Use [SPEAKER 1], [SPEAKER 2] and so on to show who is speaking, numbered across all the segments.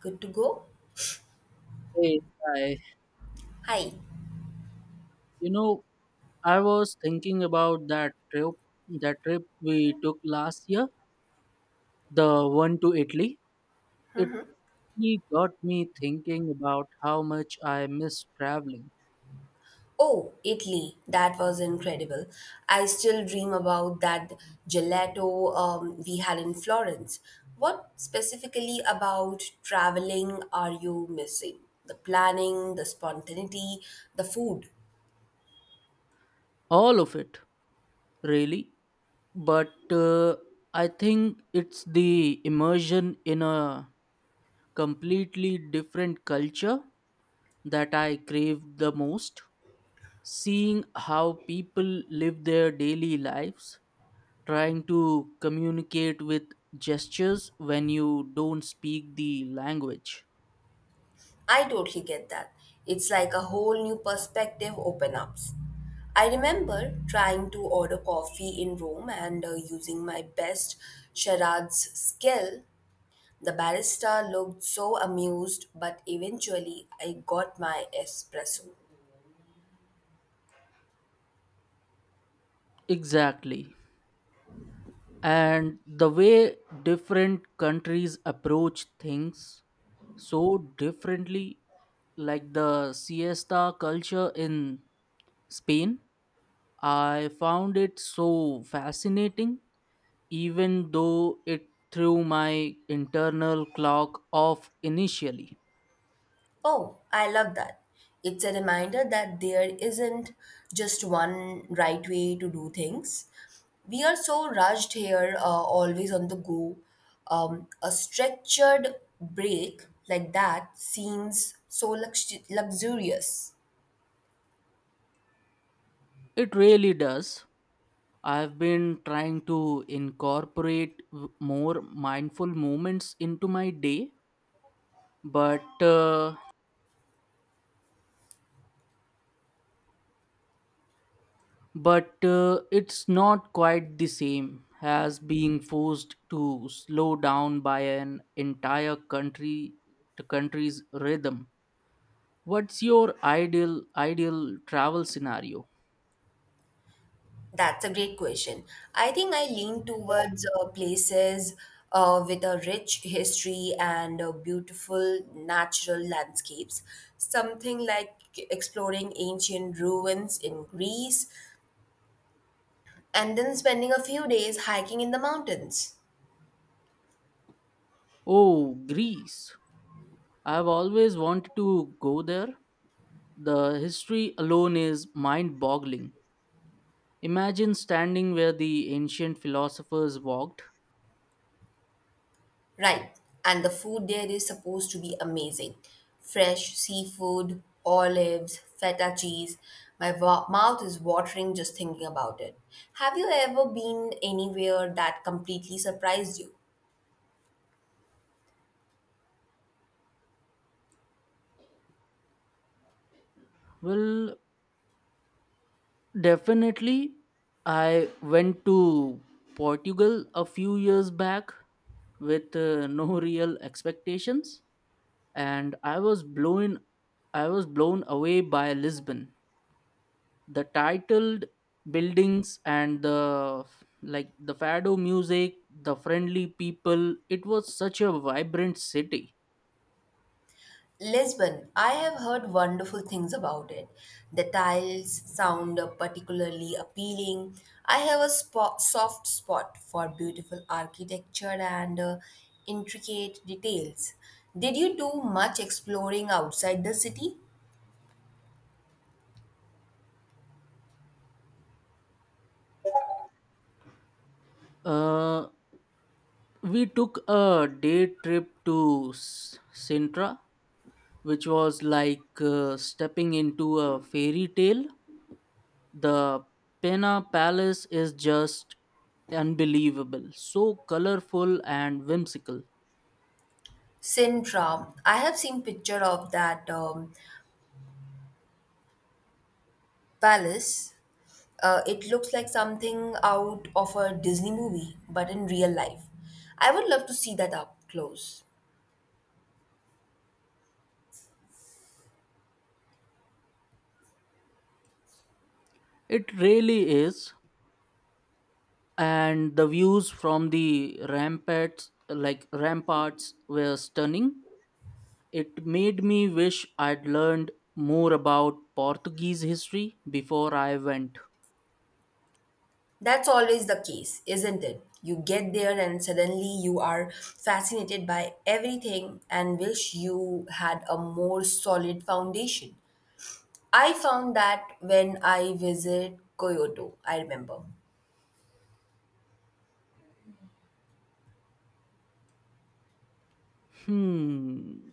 [SPEAKER 1] Good to go?
[SPEAKER 2] Hey, hi.
[SPEAKER 1] Hi.
[SPEAKER 2] You know, I was thinking about that trip we took last year, the one to Italy. It really got me thinking about how much I miss traveling.
[SPEAKER 1] Oh, Italy. That was incredible. I still dream about that gelato we had in Florence. What specifically about traveling are you missing? The planning, the spontaneity, the food.
[SPEAKER 2] All of it, really. But I think it's the immersion in a completely different culture that I crave the most. Seeing how people live their daily lives trying to communicate with gestures when you don't speak the language.
[SPEAKER 1] I totally get that. It's like a whole new perspective open ups. I remember trying to order coffee in Rome and using my best charades skill. The barista looked so amused, but eventually I got my espresso.
[SPEAKER 2] Exactly. And the way different countries approach things so differently, like the siesta culture in Spain, I found it so fascinating, even though it threw my internal clock off initially.
[SPEAKER 1] Oh, I love that. It's a reminder that there isn't just one right way to do things. We are so rushed here, always on the go. A structured break like that seems so luxurious.
[SPEAKER 2] It really does. I've been trying to incorporate more mindful moments into my day, but uh, but it's not quite the same as being forced to slow down by an entire country the country's rhythm. What's your ideal travel scenario?
[SPEAKER 1] That's a great question. I think I lean towards places with a rich history and beautiful natural landscapes. Something like exploring ancient ruins in Greece and then spending a few days hiking in the mountains.
[SPEAKER 2] Oh, Greece. I've always wanted to go there. The history alone is mind-boggling. Imagine standing where the ancient philosophers walked.
[SPEAKER 1] Right. And the food there is supposed to be amazing. Fresh seafood, olives, feta cheese. My mouth is watering just thinking about it. Have you ever been anywhere that completely surprised you?
[SPEAKER 2] Well, definitely. I went to Portugal a few years back with no real expectations and I was blown away by Lisbon. The titled buildings and the like the fado music, the friendly people, it was such a vibrant city.
[SPEAKER 1] Lisbon, I have heard wonderful things about it. The tiles sound particularly appealing. I have a soft spot for beautiful architecture and intricate details. Did you do much exploring outside the city?
[SPEAKER 2] Uh we took a day trip to Sintra, which was like stepping into a fairy tale. The Pena Palace is just unbelievable, so colorful and whimsical.
[SPEAKER 1] Sintra, I have seen picture of that palace. It looks like something out of a Disney movie, but in real life. I would love to see that up close.
[SPEAKER 2] It really is. And the views from the ramparts, were stunning. It made me wish I'd learned more about Portuguese history before I went.
[SPEAKER 1] That's always the case, isn't it? You get there and suddenly you are fascinated by everything and wish you had a more solid foundation. I found that when I visited Kyoto, I remember.
[SPEAKER 2] Hmm,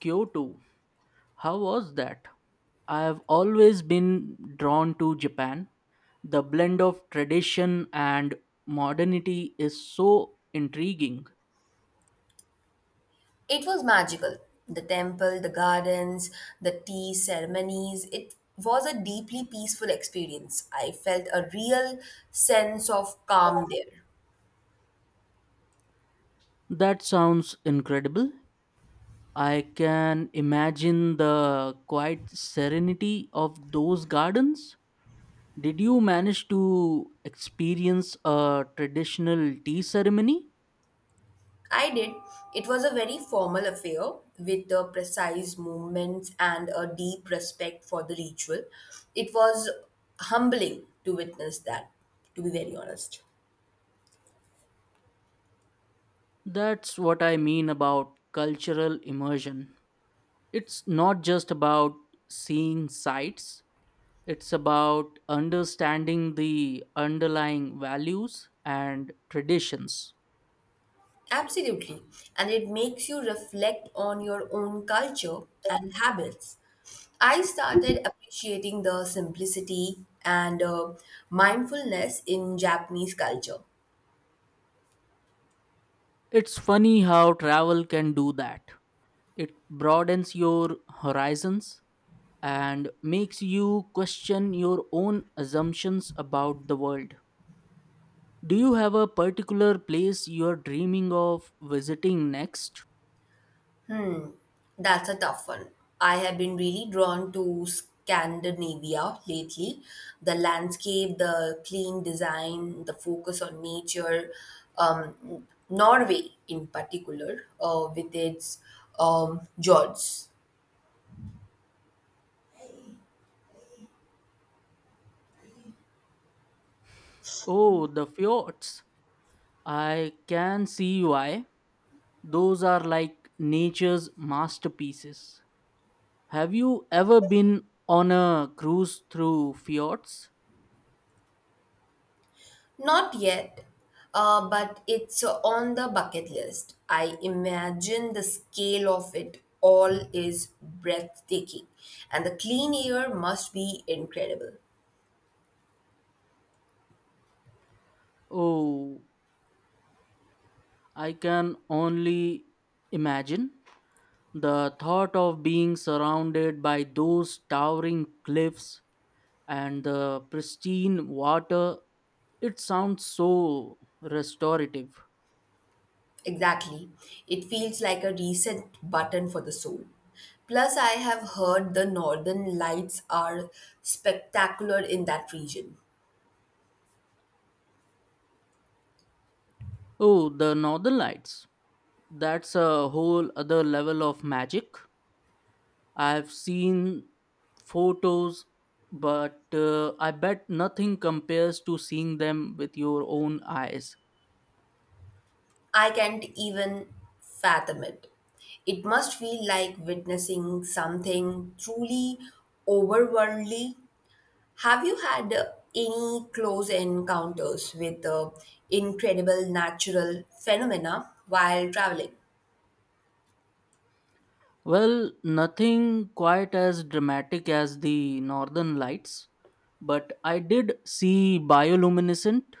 [SPEAKER 2] Kyoto. How was that? I have always been drawn to Japan. The blend of tradition and modernity is so intriguing.
[SPEAKER 1] It was magical. The temple, the gardens, the tea ceremonies, it was a deeply peaceful experience. I felt a real sense of calm there.
[SPEAKER 2] That sounds incredible. I can imagine the quiet serenity of those gardens. Did you manage to experience a traditional tea ceremony?
[SPEAKER 1] I did. It was a very formal affair with the precise movements and a deep respect for the ritual. It was humbling to witness that, to be very honest.
[SPEAKER 2] That's what I mean about cultural immersion. It's not just about seeing sights, it's about understanding the underlying values and traditions.
[SPEAKER 1] Absolutely. And it makes you reflect on your own culture and habits. I started appreciating the simplicity and mindfulness in Japanese culture.
[SPEAKER 2] It's funny how travel can do that. It broadens your horizons and makes you question your own assumptions about the world. Do you have a particular place you're dreaming of visiting next?
[SPEAKER 1] That's a tough one. I have been really drawn to Scandinavia lately. The landscape, the clean design, the focus on nature. Norway, in particular, with its fjords.
[SPEAKER 2] Oh, the fjords. I can see why. Those are like nature's masterpieces. Have you ever been on a cruise through fjords?
[SPEAKER 1] Not yet, but it's on the bucket list. I imagine the scale of it all is breathtaking, and the clean air must be incredible.
[SPEAKER 2] Oh, I can only imagine. The thought of being surrounded by those towering cliffs and the pristine water, it sounds so restorative.
[SPEAKER 1] Exactly. It feels like a reset button for the soul. Plus, I have heard the northern lights are spectacular in that region.
[SPEAKER 2] Oh, the northern lights. That's a whole other level of magic. I've seen photos, but I bet nothing compares to seeing them with your own eyes.
[SPEAKER 1] I can't even fathom it. It must feel like witnessing something truly overworldly. Have you had any close encounters with incredible natural phenomena while traveling?
[SPEAKER 2] Well, nothing quite as dramatic as the northern lights, but I did see bioluminescent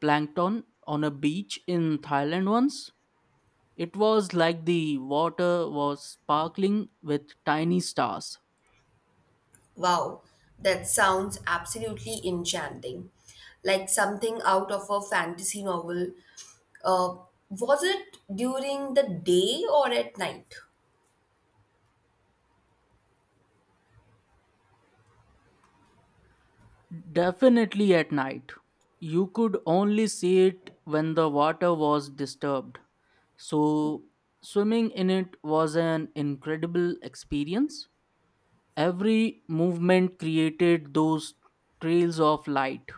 [SPEAKER 2] plankton on a beach in Thailand once. It was like the water was sparkling with tiny stars.
[SPEAKER 1] Wow, that sounds absolutely enchanting. Like something out of a fantasy novel. Uh, was it during the day or at night?
[SPEAKER 2] Definitely at night. You could only see it when the water was disturbed. So, swimming in it was an incredible experience. Every movement created those trails of light.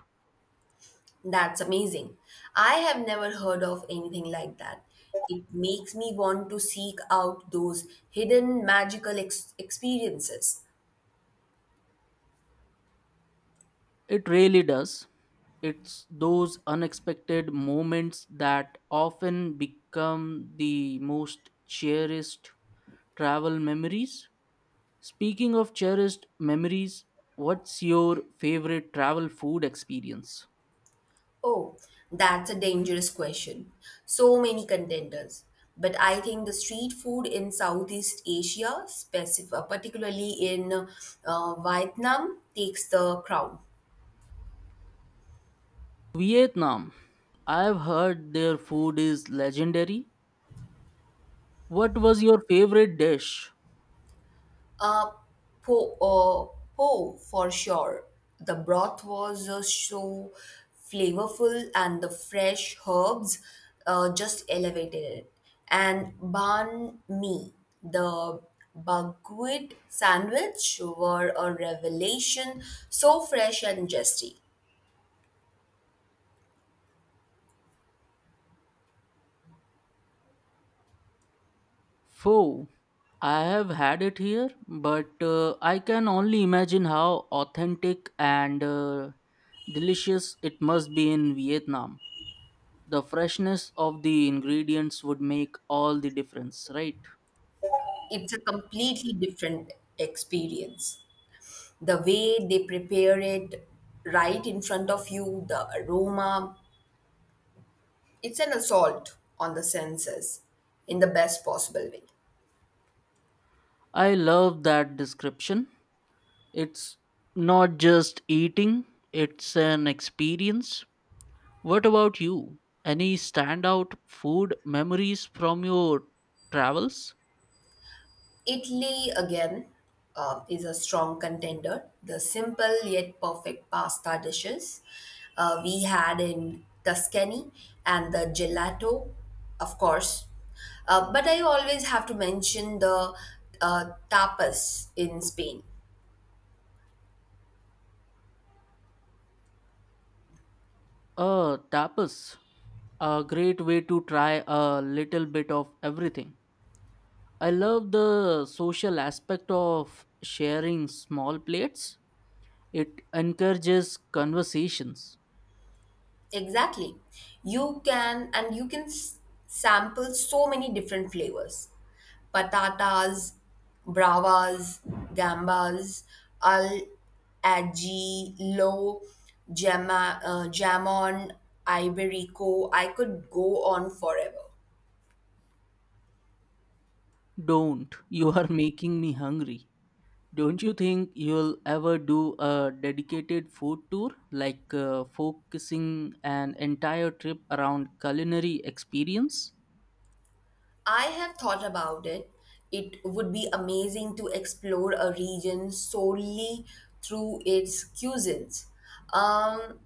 [SPEAKER 1] That's amazing. I have never heard of anything like that. It makes me want to seek out those hidden magical experiences.
[SPEAKER 2] It really does. It's those unexpected moments that often become the most cherished travel memories. Speaking of cherished memories, what's your favorite travel food experience?
[SPEAKER 1] Oh, that's a dangerous question. So many contenders. But I think the street food in Southeast Asia, particularly in Vietnam, takes the crown.
[SPEAKER 2] Vietnam. I've heard their food is legendary. What was your favorite dish?
[SPEAKER 1] Uh, po for sure. The broth was so flavorful, and the fresh herbs just elevated it. And banh mi, the buckwheat sandwich, were a revelation. So fresh and zesty.
[SPEAKER 2] Pho. I have had it here, but I can only imagine how authentic and delicious it must be in Vietnam. The freshness of the ingredients would make all the difference, right?
[SPEAKER 1] It's a completely different experience. The way they prepare it right in front of you, the aroma, it's an assault on the senses in the best possible way.
[SPEAKER 2] I love that description. It's not just eating, it's an experience. What about you? Any standout food memories from your travels?
[SPEAKER 1] Italy, again, is a strong contender. The simple yet perfect pasta dishes we had in Tuscany and the gelato, of course. But I always have to mention the tapas in Spain.
[SPEAKER 2] Tapas. A great way to try a little bit of everything. I love the social aspect of sharing small plates. It encourages conversations.
[SPEAKER 1] Exactly. And you can sample so many different flavors: patatas bravas, gambas al ajillo, jamon iberico. I could go on forever.
[SPEAKER 2] Don't, you are making me hungry. Don't you think you'll ever do a dedicated food tour, like focusing an entire trip around culinary experience?
[SPEAKER 1] I have thought about it. It would be amazing to explore a region solely through its cuisines. Um,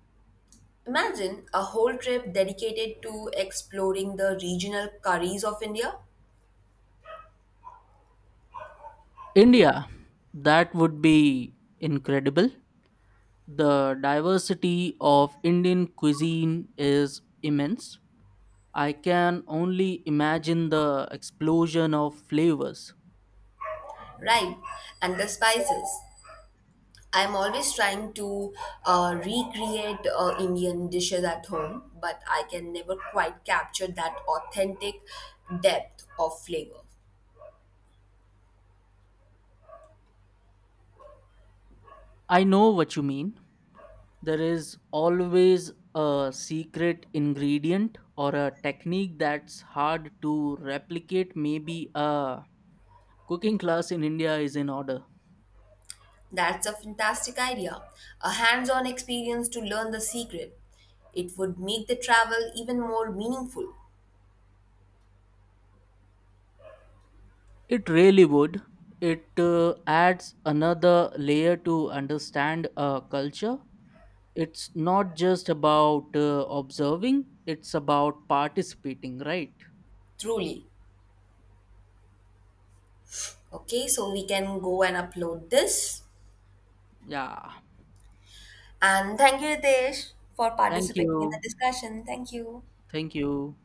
[SPEAKER 1] Imagine a whole trip dedicated to exploring the regional curries of India,
[SPEAKER 2] India, that would be incredible. The diversity of Indian cuisine is immense. I can only imagine the explosion of flavors.
[SPEAKER 1] right? And the spices. I'm always trying to recreate Indian dishes at home, but I can never quite capture that authentic depth of flavor.
[SPEAKER 2] I know what you mean. There is always a secret ingredient or a technique that's hard to replicate. Maybe a cooking class in India is in order.
[SPEAKER 1] That's a fantastic idea. A hands on experience to learn the secret. It would make the travel even more meaningful,
[SPEAKER 2] It really would. It adds another layer to understand a culture. It's not just about observing, it's about participating, right?
[SPEAKER 1] truly. Okay, so we can go and upload this.
[SPEAKER 2] Yeah,
[SPEAKER 1] And thank you, Ritesh, for
[SPEAKER 2] thank
[SPEAKER 1] participating in the
[SPEAKER 2] you,
[SPEAKER 1] discussion. Thank you.
[SPEAKER 2] thank you.